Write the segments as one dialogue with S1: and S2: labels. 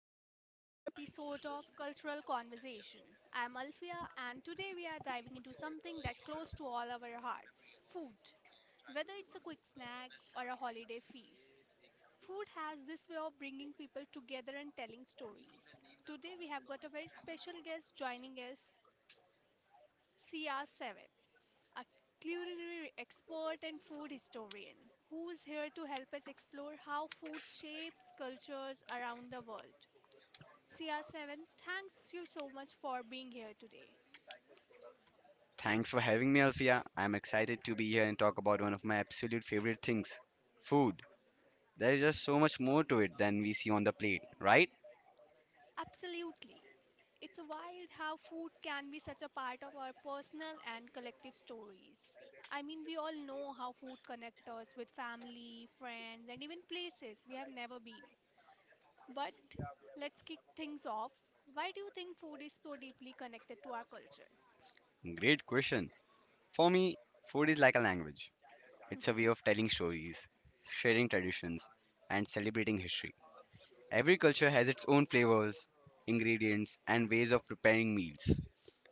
S1: to another episode of Cultural Conversation. I'm Alfia, and today we are diving into something that's close to all our hearts: food. Whether it's a quick snack or a holiday feast, food has this way of bringing people together and telling stories. Today we have got a very special guest joining us, CR7, a culinary expert and food historian who is here to help us explore how food shapes cultures around the world. CR7, thanks you so much for being here today.
S2: Thanks for having me, Alfia. I'm excited to be here and talk about one of my absolute favorite things, food. There is just so much more to it than we see on the plate, right?
S1: Absolutely. It's wild how food can be such a part of our personal and collective stories. I mean, we all know how food connects us with family, friends, and even places we have never been. But let's kick things off. Why do you think food is so deeply connected to our culture?
S2: Great question. For me, food is like a language, it's a way of telling stories, sharing traditions, and celebrating history. Every culture has its own flavors, ingredients, and ways of preparing meals,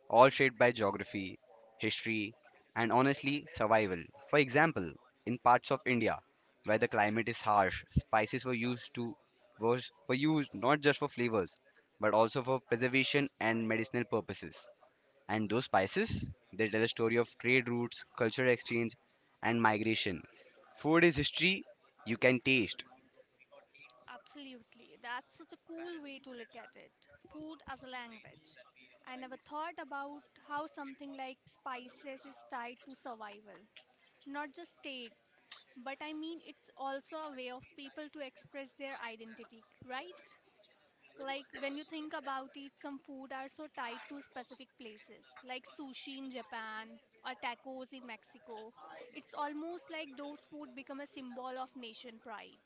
S2: all shaped by geography, history, and honestly, survival. For example, in parts of India where the climate is harsh, spices were used to was for use not just for flavors but also for preservation and medicinal purposes. And those spices, they tell a story of trade routes, cultural exchange, and migration. Food is history you can taste.
S1: Absolutely. That's such a cool way to look at it. Food as a language. I never thought about how something like spices is tied to survival. Not just state, but I mean it's also a way of people to express their identity, right? Like when you think about it, some food are so tied to specific places, like sushi in Japan or tacos in Mexico. It's almost like those food become a symbol of nation pride.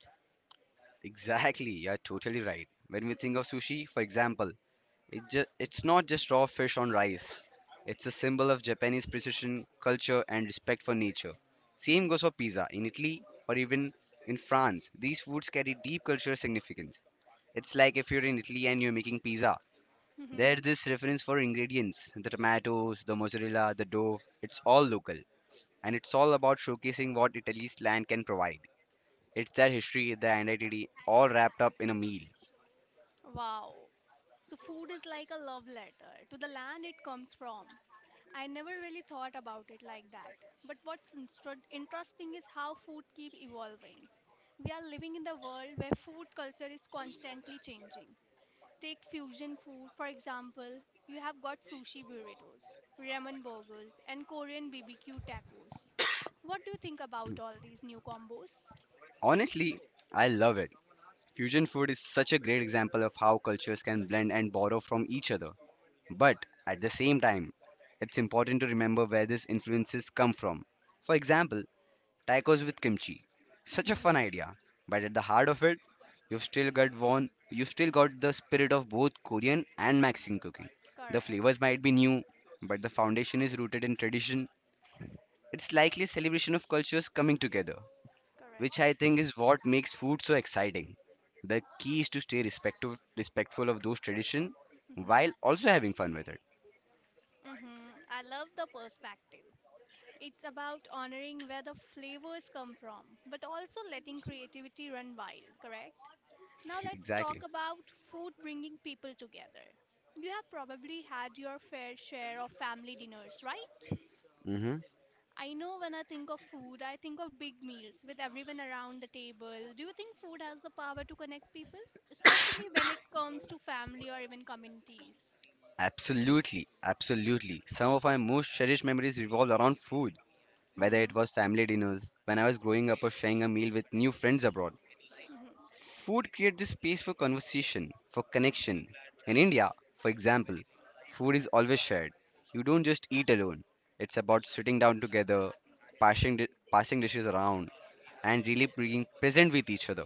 S2: Exactly, you're totally right. When we think of sushi, for example, it's not just raw fish on rice. It's a symbol of Japanese precision, culture, and respect for nature. Same goes for pizza. In Italy or even in France, these foods carry deep cultural significance. It's like if you're in Italy and you're making pizza. There's this reference for ingredients, the tomatoes, the mozzarella, the dough. It's all local. And it's all about showcasing what Italy's land can provide. It's their history, their identity, all wrapped up in a meal.
S1: Wow. So, food is like a love letter to the land it comes from. I never really thought about it like that. But what's interesting is how food keep evolving. We are living in the world where food culture is constantly changing. Take fusion food, for example, you have got sushi burritos, ramen burgers, and Korean BBQ tacos. What do you think about all these new combos?
S2: Honestly, I love it. Fusion food is such a great example of how cultures can blend and borrow from each other. But at the same time, it's important to remember where these influences come from. For example, tacos with kimchi. Such a fun
S1: Hmm.
S2: idea, but at the heart of it, you've still got the spirit of both Korean and Mexican cooking. The
S1: Correct.
S2: flavors might be new, but the foundation is rooted in tradition. It's likely a celebration of cultures coming together, which I think
S1: Correct.
S2: is what makes food so exciting. The key is to stay respectful of those traditions while
S1: Mhm.
S2: also having fun with it.
S1: Hmm, I love the perspective. It's about honoring where the flavors come from, but also letting creativity run wild, correct? Now let's talk
S2: Exactly.
S1: about food bringing people together. You have probably had your fair share of family dinners, right?
S2: hmm
S1: I know when I think of food, I think of big meals with everyone around the table. Do you think food has the power to connect people, especially when it comes to family or even communities?
S2: Absolutely, absolutely. Some of my most cherished memories revolve around food, whether it
S1: Hmm.
S2: was family dinners when I was growing up, or sharing a meal with new friends abroad.
S1: Hmm.
S2: Food creates the space for conversation, for connection. In India, for example, food is always shared. You don't just eat alone. It's about sitting down together, passing, di- passing dishes around, and really being present with each other.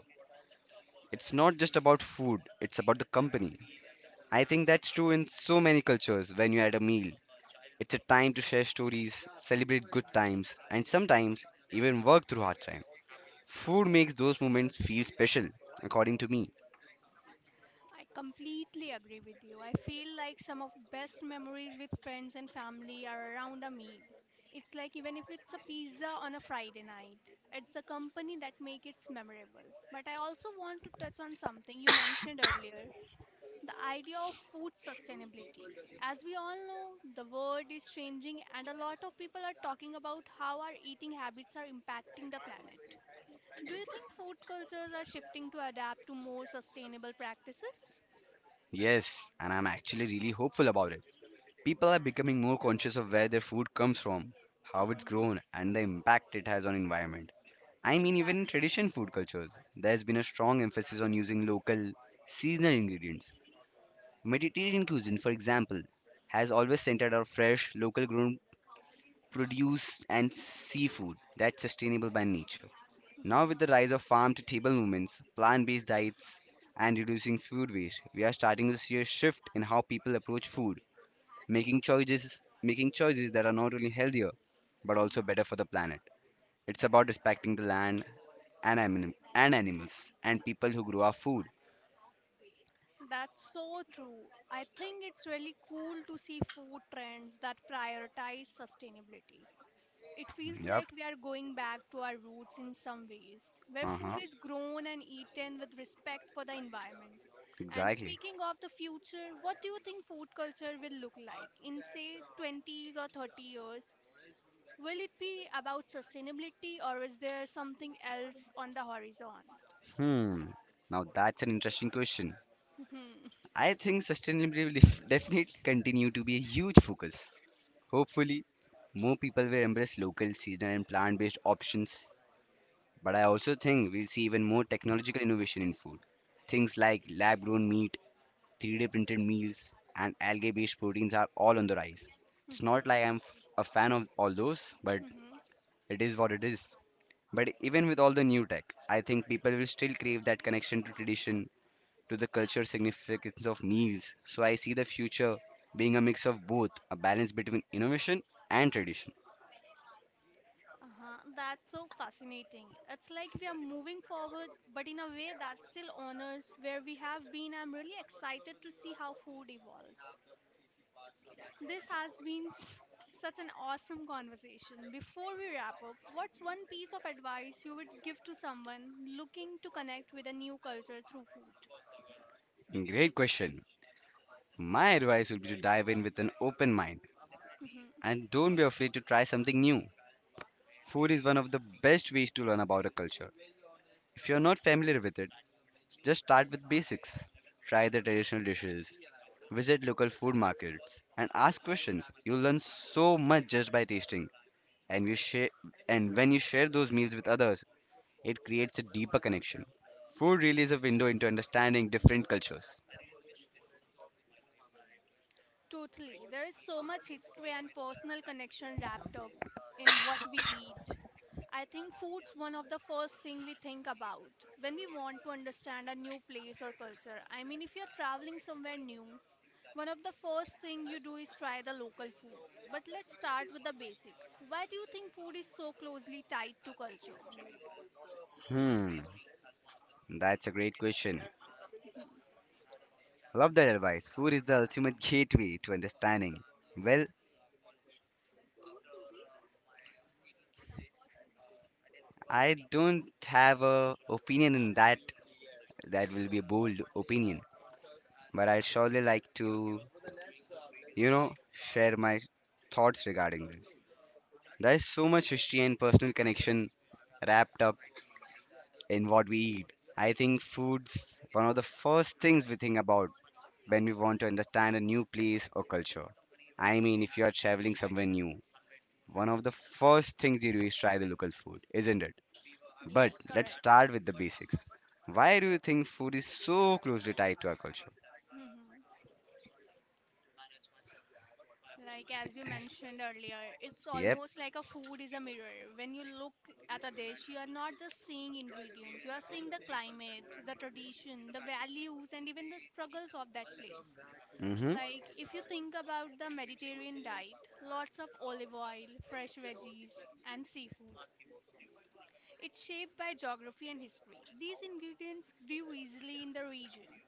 S2: It's not just about food, it's about the company. I think that's true in so many cultures. When you're at a meal, it's a time to share stories, celebrate good times, and sometimes even work through hard time. Food makes those moments feel special, according to me.
S1: I completely agree with you. I feel like some of best memories with friends and family are around a meal. It's like even if it's a pizza on a Friday night, it's the company that make it memorable. But I also want to touch on something you mentioned earlier, the idea of food sustainability. As we all know, the world is changing and a lot of people are talking about how our eating habits are impacting the planet. Do you think food cultures are shifting to adapt to more sustainable practices?
S2: Yes, and I'm actually really hopeful about it. People are becoming more conscious of where their food comes from, how it's
S1: Hmm.
S2: grown, and the impact it has on environment. I mean, even in
S1: Exactly.
S2: traditional food cultures, there's been a strong emphasis on using local, seasonal ingredients. Mediterranean cuisine, for example, has always centered on fresh, local grown produce, and seafood that's sustainable by nature. Now,
S1: Hmm.
S2: with the rise of farm to table movements, plant based diets, and reducing food waste, we are starting to see a shift in how people approach food, making choices that are not only healthier but also
S1: Hmm.
S2: better for the planet. It's about respecting the land and animals and people who grow our food.
S1: That's so true. I think it's really cool to see food trends that prioritize sustainability. It feels
S2: Yep.
S1: like we are going back to our roots in some ways, where
S2: Uh huh.
S1: food is grown and eaten with respect for the environment. And
S2: Exactly.
S1: speaking of the future, what do you think food culture will look like in, say, 20s or 30 years? Will it be about sustainability or is there something else on the horizon?
S2: Hmm. Now, that's an interesting question. I think sustainability will definitely continue to be a huge focus. Hopefully, more people will embrace local, seasonal, and plant based options. But I also think we'll see even more technological innovation in food. Things like lab grown meat, 3D printed meals, and algae based proteins are all on the rise. It's not
S1: Mm-hmm.
S2: like I'm f- A fan of all those, but
S1: Mm-hmm.
S2: it is what it is. But even with all the new tech, I think people will still crave that connection to tradition, to the cultural significance of meals. So I see the future being a mix of both, a balance between innovation and tradition.
S1: Uh-huh. That's so fascinating. It's like we are moving forward, but in a way that still honors where we have been. I'm really excited to see how food evolves. This has been such an awesome conversation. Before we wrap up, what's one piece of advice you would give to someone looking to connect with a new culture through food?
S2: Great question. My advice would be to dive in with an open mind
S1: Mm-hmm.
S2: and don't be afraid to try something new. Food is one of the best ways to learn about a culture. If you're not familiar with it, just start with basics. Try the traditional dishes, visit local food markets, and ask questions. You'll learn so much just by tasting. And you share, and when you share those meals with others, it creates a deeper connection. Food really is a window into understanding different cultures.
S1: Totally. There is so much history and personal connection wrapped up in what we eat. I think food's one of the first thing we think about when we want to understand a new place or culture. I mean, if you're traveling somewhere new, one of the first thing you do is try the local food. But let's start with the basics. Why do you think food is so closely tied to culture?
S2: Hmm, that's a great question. Love that advice. Food is the ultimate gateway to understanding. Well, I don't have a opinion in that. That will be a bold opinion, but I surely like to, share my thoughts regarding this. There is so much history and personal connection wrapped up in what we eat. I think food's one of the first things we think about when we want to understand a new place or culture. I mean,
S1: Mhm.
S2: if you are traveling somewhere new, one of the first things you do is try the local food, isn't it? But
S1: Yes,
S2: let's
S1: correct.
S2: start with the basics. Why do you think food is so closely tied to our culture?
S1: Mhm. Like as you mentioned earlier, it's
S2: Yep.
S1: almost like a food is a mirror. When you look at a dish, you are not just seeing ingredients, you are seeing the climate, the tradition, the values, and even the struggles of that place.
S2: Mm-hmm.
S1: Like if you think about the Mediterranean diet, lots of olive oil, fresh veggies, and seafood. It's shaped by geography and history. These ingredients grew easily in the region,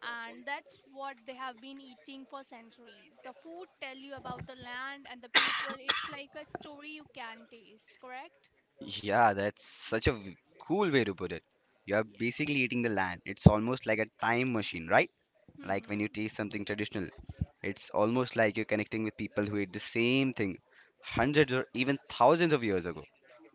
S1: and that's what they have been eating for centuries. The food tell you about the land and the people. It's like a story you can taste, correct?
S2: Yeah, that's such a v- Cool way to put it. You are
S1: Yeah.
S2: basically eating the land. It's almost like a time machine, right? Like when
S1: Hmm.
S2: you taste something traditional, it's almost like you're connecting with people who ate the same thing hundreds or even thousands of years ago.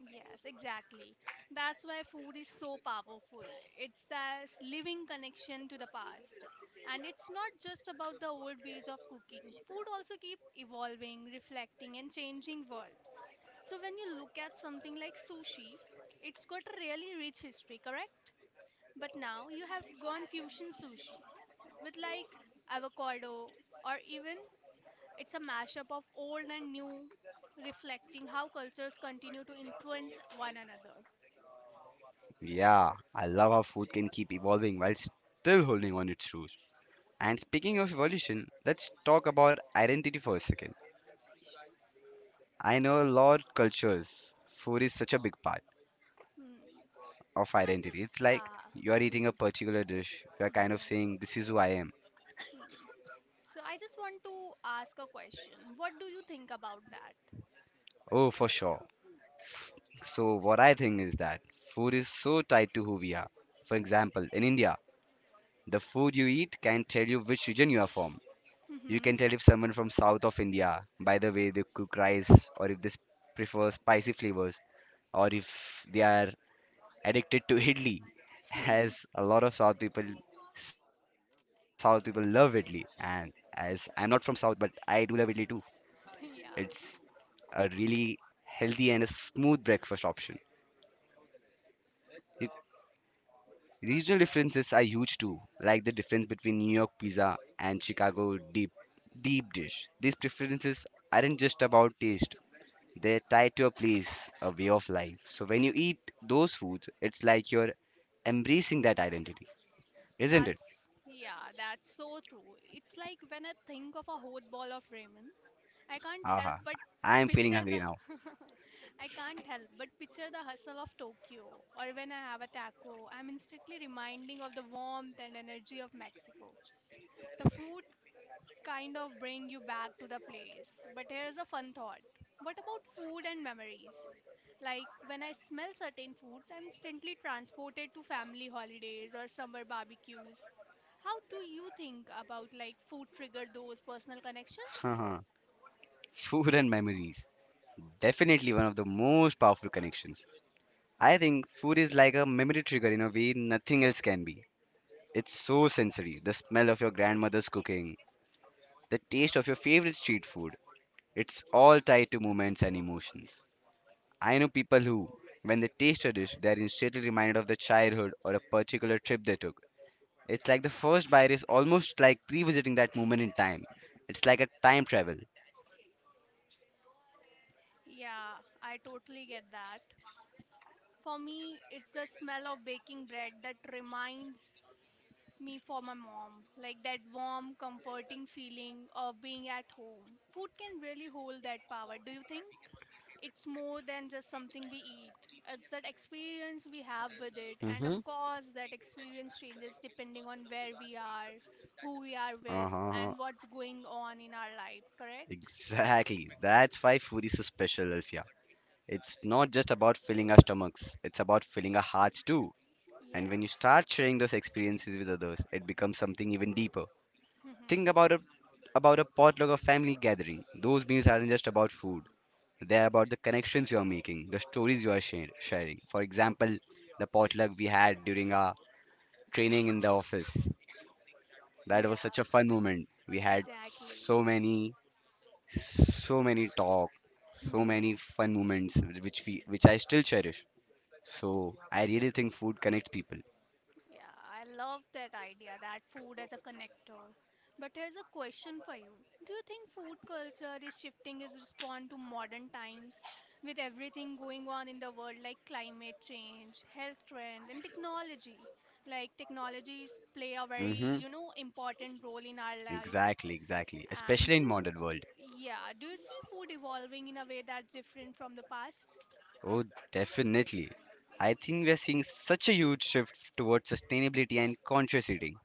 S1: Yes, exactly. That's why food is so powerful. It's this living connection to the past. And it's not just about the old ways of cooking. Food also keeps evolving, reflecting, and changing world. So when you look at something like sushi, it's got a really rich history, correct? But now you have gone fusion sushi with like avocado or even it's a mashup of old and new, reflecting how cultures continue to influence one another.
S2: Yeah, I love how food can keep evolving while still holding on its roots. And speaking of evolution, let's talk about identity for a second. I know a lot of cultures, food is such a big part
S1: Hmm.
S2: of
S1: So I
S2: identity. It's
S1: just
S2: like you are eating
S1: Hmm.
S2: a particular dish, you are kind of
S1: Hmm.
S2: saying, this is who I am.
S1: So I just want to ask a question. What do you think about that?
S2: Oh, for sure. So, what I think is that food is so tied to who we are. For example, in India, the food you eat can tell you which region you are from. You
S1: Mhm.
S2: can tell if someone from south of India by the way they cook rice, or if prefer spicy flavors, or if they are addicted to idli as a lot of south people love idli, and as I'm not from south but I do love idli too. It's
S1: yeah,
S2: a really healthy and a smooth breakfast option. Re- Regional differences are huge too, like the difference between New York pizza and Chicago deep dish. These preferences aren't just about taste, they tie to a place, a way of life. So when you eat those foods, it's like you're embracing that identity, isn't it?
S1: yeah, that's so true. It's like when I think of a whole ball of ramen, I can't help
S2: Aha,
S1: but
S2: I am feeling
S1: picture
S2: hungry
S1: the
S2: now.
S1: I can't help but picture the hustle of Tokyo. Or when I have a taco, I'm instantly reminding of the warmth and energy of Mexico. The food kind of bring you back to the place. But here's a fun thought. What about food and memories? Like when I smell certain foods, I'm instantly transported to family holidays or summer barbecues. How do you think about like food trigger those personal connections?
S2: Haha. Food and memories. Definitely one of the most powerful connections. I think food is like a memory trigger in a way nothing else can be. It's so sensory. The smell of your grandmother's cooking, the taste of your favorite street food. It's all tied to moments and emotions. I know people who, when they taste a dish, they are instantly reminded of their childhood or a particular trip they took. It's like the first bite is almost like revisiting that moment in time. It's like a time travel.
S1: Yeah, I totally get that. For me, it's the smell of baking bread that reminds me for my mom, like that warm, comforting feeling of being at home. Food can really hold that power, do you think? It's more than just something we eat. It's that experience we have with it, and of
S2: Mm-hmm.
S1: course, that experience changes depending on where we are, who we are with,
S2: Uh-huh.
S1: and what's going on in our lives, correct?
S2: Exactly. That's why food is so special, Alfia. It's not just about filling our stomachs, it's about filling our hearts too. And when you
S1: Yes.
S2: start sharing those experiences with others, it becomes something even deeper. Think about a About a potluck or family gathering. Those meals aren't just about food. They are about the connections you are making, the stories you are share- sharing. For example, the potluck we had during our training in the office. That
S1: Yeah.
S2: was such a fun moment. We had
S1: Exactly.
S2: so many, so many talk, so
S1: Hmm.
S2: many fun moments which I still cherish. So I really think food connects people.
S1: Yeah, I love that idea that food as a connector. But here's a question for you. Do you think food culture is shifting as respond to modern times with everything going on in the world like climate change, health trend and technology? Like technologies play a very,
S2: Mm-hmm.
S1: important role in our life.
S2: Exactly, exactly.
S1: And
S2: Especially in modern world.
S1: yeah, do you see food evolving in a way that's different from the past?
S2: Oh, definitely. I think we are seeing such a huge shift towards sustainability and conscious eating.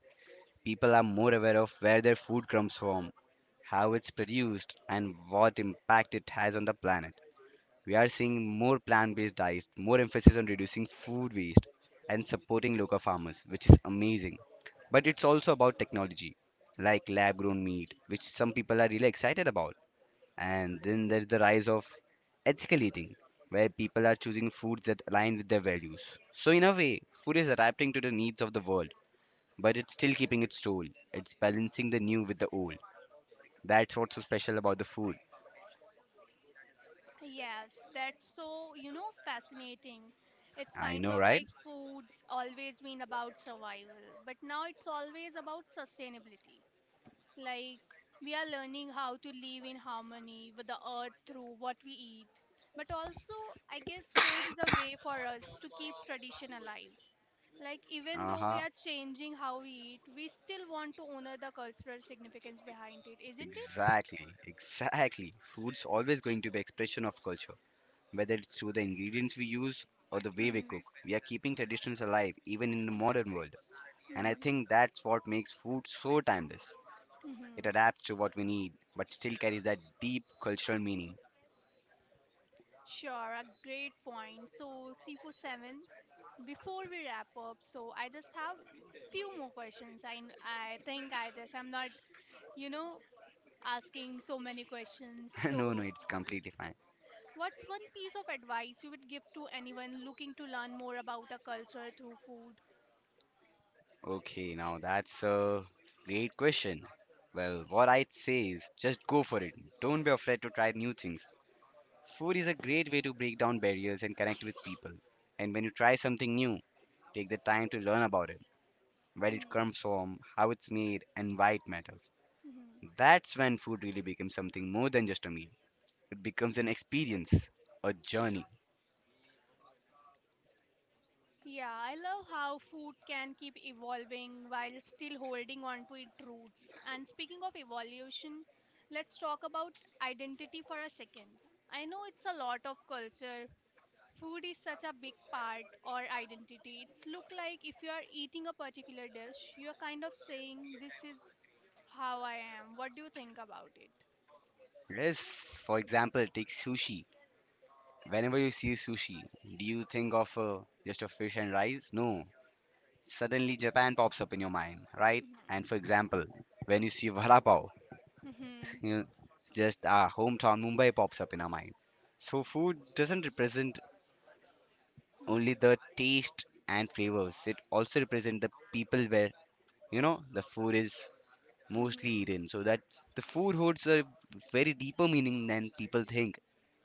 S2: People are more aware of where their food comes from, how it's produced, and what impact it has on the planet. We are seeing more plant based diets, more emphasis on reducing food waste, and supporting local farmers, which is amazing. But it's also about technology, like lab grown meat, which some people are really excited about. And then there's the rise of ethical eating, where people are choosing foods that align with their values. So, in a way, food is adapting to the needs of the world, but it's still keeping its soul. It's balancing the new with the old. That's what's so special about the food.
S1: Yes, that's so, fascinating. It's
S2: I
S1: kinds
S2: know,
S1: of
S2: right?
S1: like foods always been about survival, but now it's always about sustainability. Like we are learning how to live in harmony with the earth through what we eat. But also, I guess food is a way for us to keep tradition alive. Like even
S2: Uh
S1: though we
S2: huh.
S1: are changing how we eat, we still want to honor the cultural significance behind it, isn't it?
S2: Exactly. Exactly. Food's always going to be expression of culture, whether it's through the ingredients we use or the way we
S1: Mm-hmm.
S2: cook. We are keeping traditions alive even in the modern world, and I
S1: Mm-hmm.
S2: think that's what makes food so timeless. It
S1: Mm-hmm.
S2: adapts to what we need, but still carries that deep cultural meaning.
S1: Sure, a great point. So, C47, before we wrap up, so I just have few more questions. I think I just I'm not, you know, asking so many questions.
S2: No, no,
S1: So,
S2: it's completely fine.
S1: what's one piece of advice you would give to anyone looking to learn more about a culture through food?
S2: Okay, now that's a great question. Well, what I'd say is just go for it. Don't be afraid to try new things. Food is a great way to break down barriers and connect with people. And when you try something new, take the time to learn about it, where it
S1: Hmm.
S2: comes from, how it's made, and why it matters.
S1: Hmm.
S2: That's when food really becomes something more than just a meal. It becomes an experience, a journey.
S1: Yeah, I love how food can keep evolving while still holding on to its roots. And speaking of evolution, let's talk about identity for a second. I know it's a lot of culture. Food is such a big part or identity. It's look like if you are eating a particular dish, you are kind of saying this is how I am. What do you think about it?
S2: Yes, for example, take sushi. Whenever you see sushi, do you think of just a fish and rice? No, suddenly Japan pops up in your mind, right? And
S1: Mhm.
S2: for example, when you see vada pav,
S1: Mhm.
S2: you know, just our hometown Mumbai pops up in our mind. So food doesn't represent
S1: Mhm.
S2: only the taste and flavors; it also represents the people where the food is mostly
S1: Mhm.
S2: eaten. So that the food holds a very deeper meaning than people think.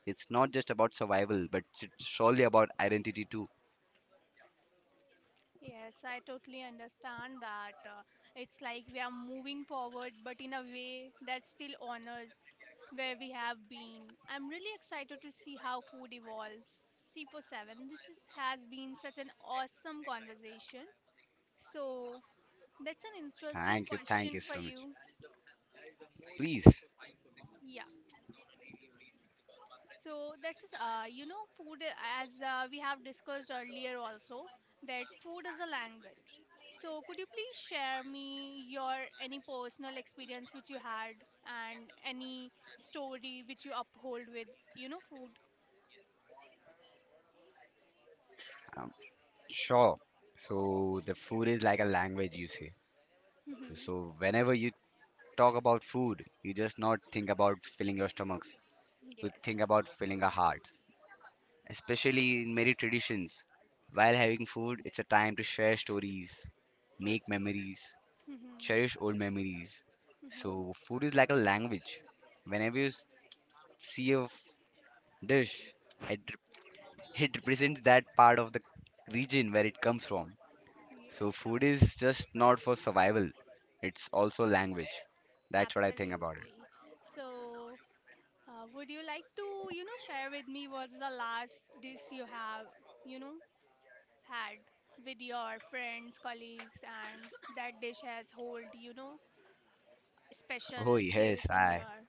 S2: It's not just about survival, but it's surely about identity too.
S1: Yes, I totally understand that. It's like we are moving forward, but in a way that still honors where we have been. I'm really excited to see how food evolves. C47, has been such an awesome conversation. So, that's an interesting
S2: Thank
S1: question
S2: you
S1: for
S2: so much.
S1: you.
S2: Please,
S1: Yeah. So that's just, food, as we have discussed earlier also, that food is a language. So could you please share me your any personal experience which you had and any story which you uphold with, food?
S2: um, sure. So the food is like a language, you say.
S1: Mhm.
S2: So whenever you talk about food, you just not think about filling your stomachs. You think
S1: Yes.
S2: about filling our hearts. Especially in many traditions, while having food, it's a time to share stories, make memories,
S1: Mhm.
S2: cherish old memories.
S1: Mhm.
S2: So food is like a language. Whenever you see a dish, it, it represents that part of the region where it comes from. So
S1: Yes,
S2: food
S1: correct.
S2: is just not for survival. It's also language. That's what I think about it.
S1: Absolutely. So, would you like to, share with me what's the last dish you have, you know, had with your friends, colleagues, and that dish has hold, special
S2: Oh yes,
S1: place in
S2: I
S1: your.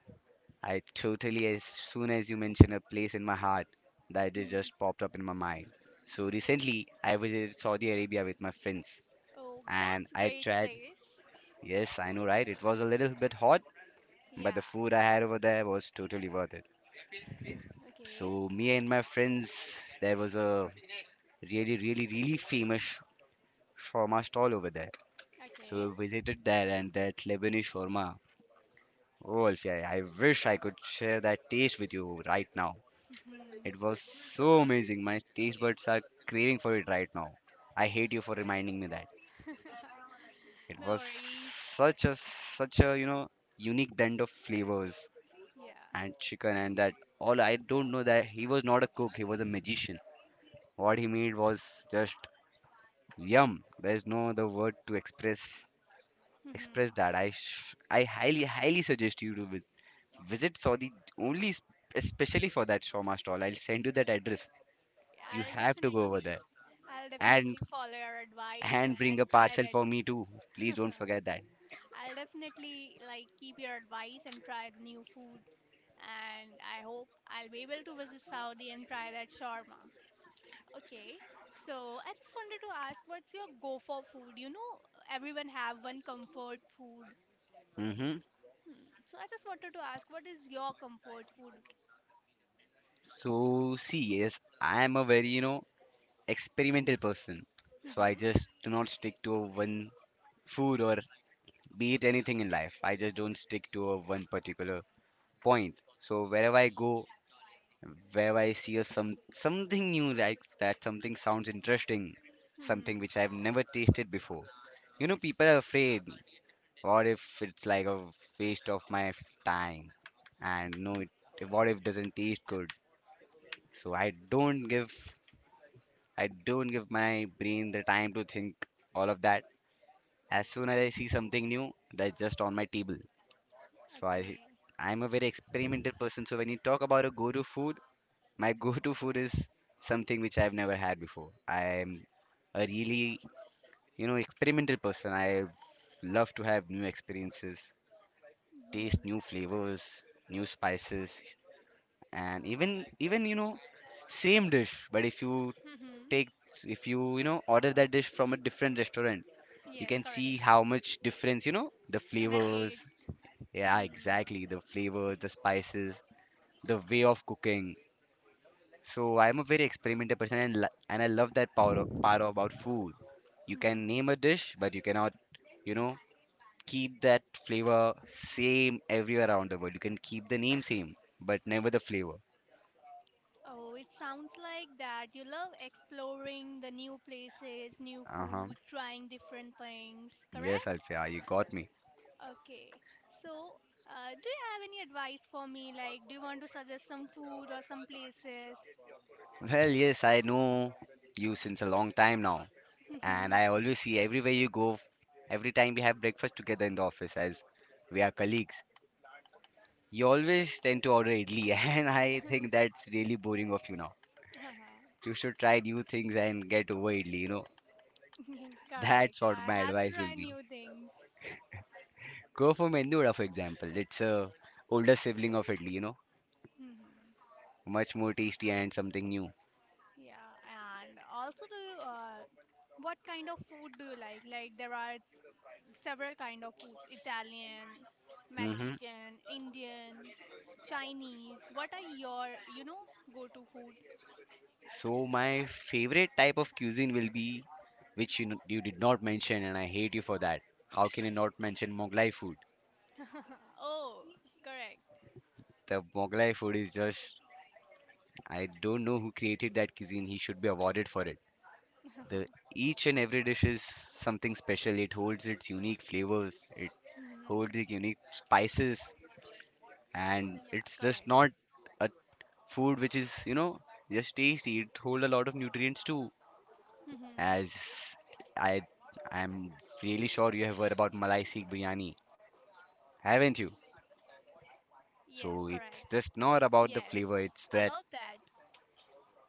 S2: I totally as soon as you mention a place in my heart, that it
S1: Mhm.
S2: just popped up in my mind. So recently I was in Saudi Arabia with my friends
S1: Oh,
S2: and
S1: that's
S2: I
S1: great
S2: tried
S1: place.
S2: yes, I know right, it was a little bit hot, but the
S1: Yeah.
S2: food I had over there was totally worth it.
S1: Okay.
S2: So me and my friends there was a really, really, really famous shawarma stall over there.
S1: Okay.
S2: So we visited there and that Lebanese shawarma. Oh, Alfia, I wish I could share that taste with you right now.
S1: Mhm.
S2: It was so amazing. My taste buds are craving for it right now. I hate you for reminding me that. It
S1: No
S2: was
S1: worries.
S2: such a unique blend of flavors
S1: Yeah.
S2: and chicken and that all. I don't know, that he was not a cook, he was a magician. What he made was just yum. There's no other word to express
S1: Mhm.
S2: that. I highly highly suggest you to visit Saudi only s- especially for that shawarma stall. I'll send you that address. You
S1: I'll
S2: have to go over
S1: definitely,
S2: there
S1: I'll
S2: and
S1: definitely follow your advice
S2: bring a
S1: and try
S2: parcel
S1: that.
S2: for me too. Please don't forget that.
S1: I'll definitely like keep your advice and try the new food. And I hope I'll be able to visit Saudi and try that shawarma. Okay, so I just wanted to ask, what's your go for food? You know, everyone have one comfort food.
S2: Hmm.
S1: Hmm. So I just wanted to ask, what is your comfort food?
S2: So see, yes, I am a very experimental person. So I
S1: Mm-hmm.
S2: just do not stick to one food or be it anything in life. I just don't stick to a one particular point. So wherever I go, where I see a some something new like that something sounds interesting, something
S1: Mm-hmm.
S2: which I've never tasted before. You know, people are afraid. What if it's like a waste of my time? And no, it, what if doesn't taste good? So I don't give my brain the time to think all of that. As soon as I see
S1: Mm-hmm.
S2: something new, that's just on my table. So
S1: Okay.
S2: I'm a very experimental person. So when you talk about a go-to food, my go-to food is something which I've never had before. I'm a really, experimental person. I love to have new experiences,
S1: Mm-hmm.
S2: taste new flavors, new spices, and
S1: Uh,
S2: even same dish. But if you
S1: mm-hmm.
S2: take, if you order that dish from a different restaurant, you
S1: Yes,
S2: can see
S1: correct.
S2: how much difference the
S1: And a
S2: flavors.
S1: taste.
S2: Yeah,
S1: Mm-hmm.
S2: exactly. The flavors, the spices, the way of cooking. So I'm a very experimental person, and and I love that power about food. You can
S1: Mm-hmm.
S2: name a dish, but you cannot, you know, keep that flavor same everywhere around the world. You can keep the name same, but never the flavor.
S1: Oh, it sounds like that. You love exploring the new places, new
S2: Uh huh.
S1: food, trying different things,
S2: Yes,
S1: correct?
S2: Alfia, you got me.
S1: Okay. So, do you have any advice for me? Like, do you want to suggest some food or some places?
S2: Well, yes, I know you since a long time now, and
S1: Mhm.
S2: I always see everywhere you go, every time we have breakfast together in the office as we are colleagues. You always tend to order idli, and I think that's really boring of you now. You should try new things and get widely, you know. That's
S1: Correct.
S2: what
S1: I
S2: my
S1: have to
S2: advice will
S1: try
S2: be.
S1: new things.
S2: Go for Mendura, for example. It's a older sibling of Italy, you know.
S1: Mhm.
S2: Much more tasty and something new.
S1: Yeah, and also what kind of food do you like? Like there are several kind of foods: Italian,
S2: Hmm.
S1: Mexican, Indian, Chinese. What are your, go-to food?
S2: So my favorite type of cuisine will be, which you, you did not mention, and I hate you for that. How can you not mention Moglai food?
S1: Oh, correct.
S2: The Moglai food is just, I don't know who created that cuisine. He should be awarded for it. The each and every dish is something special. It holds its unique flavors. It hold
S1: Mhm.
S2: the unique spices and
S1: Yeah,
S2: it's just
S1: correct.
S2: not a food which is just tasty. It hold a lot of nutrients too,
S1: Mhm.
S2: as i I'm really sure you have heard about malai Sikh biryani,
S1: Yes,
S2: haven't
S1: correct.
S2: you?
S1: Yes, I
S2: So
S1: love
S2: it's
S1: that.
S2: just not about the flavor, it's that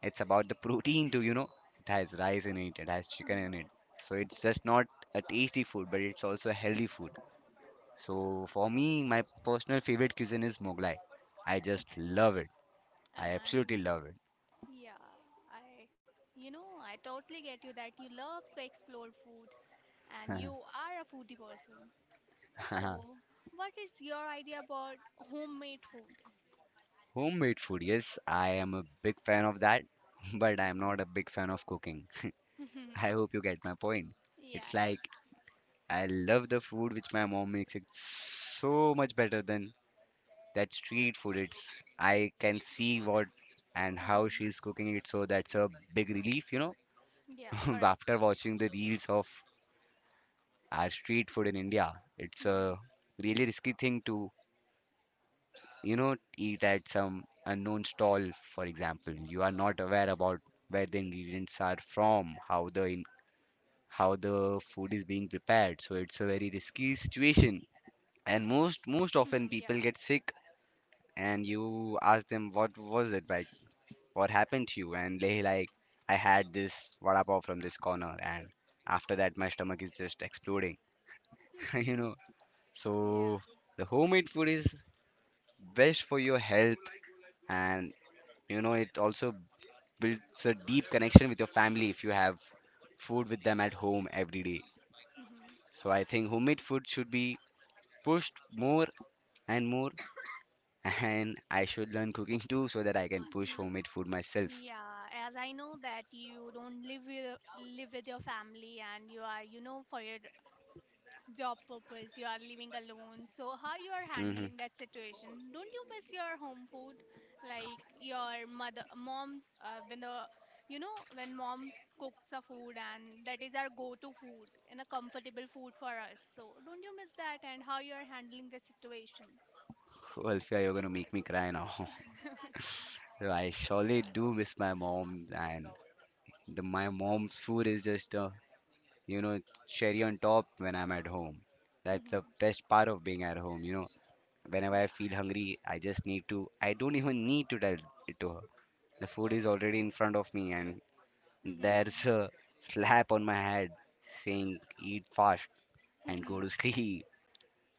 S2: it's about the protein too, you know. It has
S1: Mhm.
S2: rice in it, it has chicken in it. So it's just not a tasty food but it's also a healthy food.
S1: Ah,
S2: So for me, my personal favorite cuisine is moglai. I just
S1: okay.
S2: love it. I absolutely
S1: And
S2: love
S1: yeah, I, I totally get you that you love to explore food, and you
S2: it.
S1: are a foodie person. So, what is your idea about homemade food?
S2: Homemade food, yes, I am a big fan of that, but I am
S1: Mhm.
S2: not a big fan of cooking. I hope you get my point.
S1: Yeah,
S2: It's
S1: it,
S2: like I love the food which my mom makes. It's so much better than that street food. It's I can see what and how
S1: mhm.
S2: she's cooking it, so that's a big relief, you know.
S1: Yeah, correct.
S2: After watching the reels of our street food in India, it's
S1: Mhm.
S2: a really risky thing to eat at some unknown stall. For example, you are not aware about where the ingredients are from, how how the food is being prepared. So it's a very risky situation, and
S1: Mhm.
S2: most
S1: Yeah.
S2: most often people get sick, and you ask them what was it like, what happened to you, and they like, I had this vada pav from this corner and after that my stomach is just exploding.
S1: Mhm.
S2: You know, so
S1: Yeah.
S2: the homemade food is best for your health, and you know it also builds a deep connection with your family if you have food with them at home every day.
S1: Mhm.
S2: So I think homemade food should be pushed more and more, and I should learn cooking too so that I can push
S1: Mhm.
S2: homemade food myself.
S1: Yeah, as I know that you don't live with your family and you are, for your job purpose you are living alone, so how you are
S2: Mm-hmm.
S1: handling that situation? Don't you miss your home food like your mother mom's when the when mom's cooks a food and that is our go to food and a comfortable food for us? So don't you miss that and how you are handling the situation?
S2: Well, you're gonna make me cry now. I surely do miss my mom, and the, my mom's food is just a you know cherry on top when I'm at home. That's the
S1: Hmm.
S2: best part of being at home. You know, whenever I feel
S1: Yeah.
S2: hungry, I just need to. I don't even need to tell it to her. The food is already in front of me, and
S1: Hmm.
S2: there's a slap on my head saying, eat fast and go to sleep.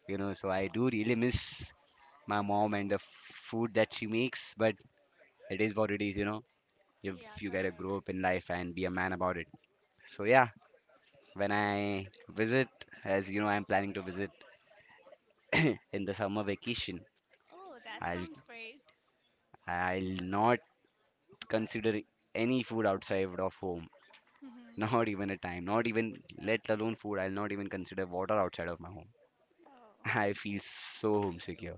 S2: You know, so I do really miss my mom and the food that she makes, but it is what it is, you know,
S1: Yeah,
S2: if you gotta
S1: correct.
S2: grow up in life and be a man about it. So, yeah, when I visit, as you know, I'm planning to visit in the summer vacation,
S1: Oh, that
S2: I'll,
S1: sounds great.
S2: I'll not consider any food outside of home.
S1: Hmm.
S2: Not even a time, not even let alone food. I'll not even consider water outside of my home.
S1: Oh.
S2: I feel so homesick here.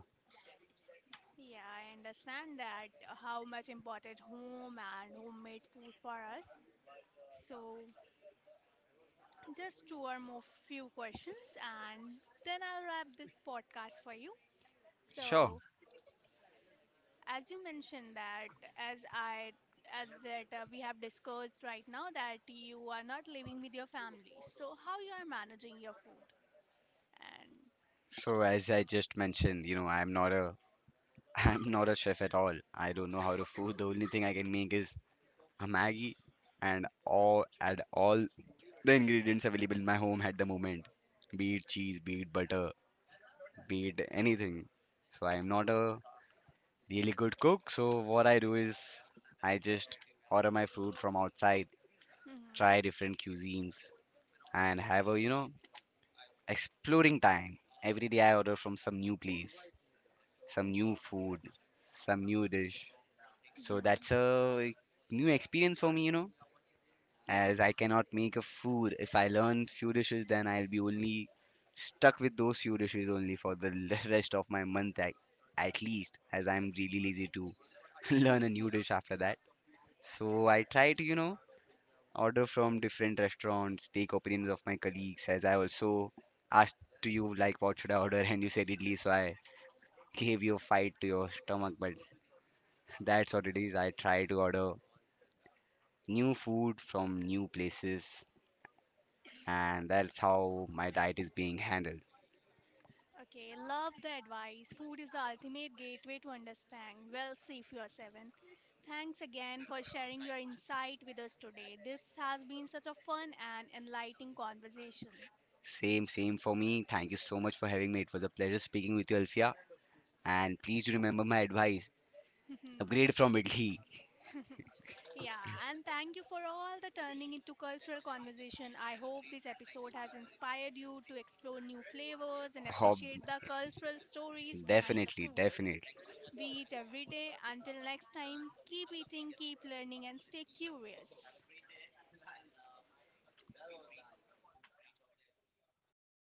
S1: Yeah, I understand that how much important home and homemade food for us. So, just two or more few questions and then I'll wrap this podcast for you.
S2: Sure.
S1: So, as you mentioned that as that we have discussed right now that you are not living with your family. So, how you are managing your food and
S2: So as I just mentioned, you know, I'm not a I'm not a chef at all. I don't know how to food. The only thing I can make is a Maggie and all the ingredients available in my home at the moment. Be it cheese, be it butter, be it anything. So I'm not a really good cook. So what I do is I just order my food from outside,
S1: mhm
S2: try different cuisines, and have a exploring time. Every day I order from some new place, some new food, some new dish. So
S1: mhm
S2: that's a new experience for me, you know. As
S1: yeah.
S2: I cannot make a food, if I learn few dishes, then I'll be only stuck with those few dishes only for the rest of my month at least, as I'm really lazy to learn a new dish after that. So I try to, you know, order from different restaurants, take opinions of my colleagues, as I also asked to you like what should I order and you said idli, so I gave you a fight to your stomach, but that's what it is. I try to order new food from new places, and that's how my diet is being handled.
S1: Okay, love the advice. Food is the ultimate gateway to understand. Well, see if you are seven. Thanks again for sharing your insight with us today. This has been such a fun and enlightening conversation.
S2: Same, same for me. Thank you so much for having me. It was a pleasure speaking with you, Alfia. And please do remember my advice. Upgrade from idli.
S1: Yeah, and thank you for all the turning into cultural conversation. I hope this episode has inspired you to explore new flavors and
S2: Oh,
S1: appreciate the cultural stories behind the
S2: definitely,
S1: food.
S2: definitely.
S1: We eat every day. Until next time, keep eating, keep learning, and stay curious.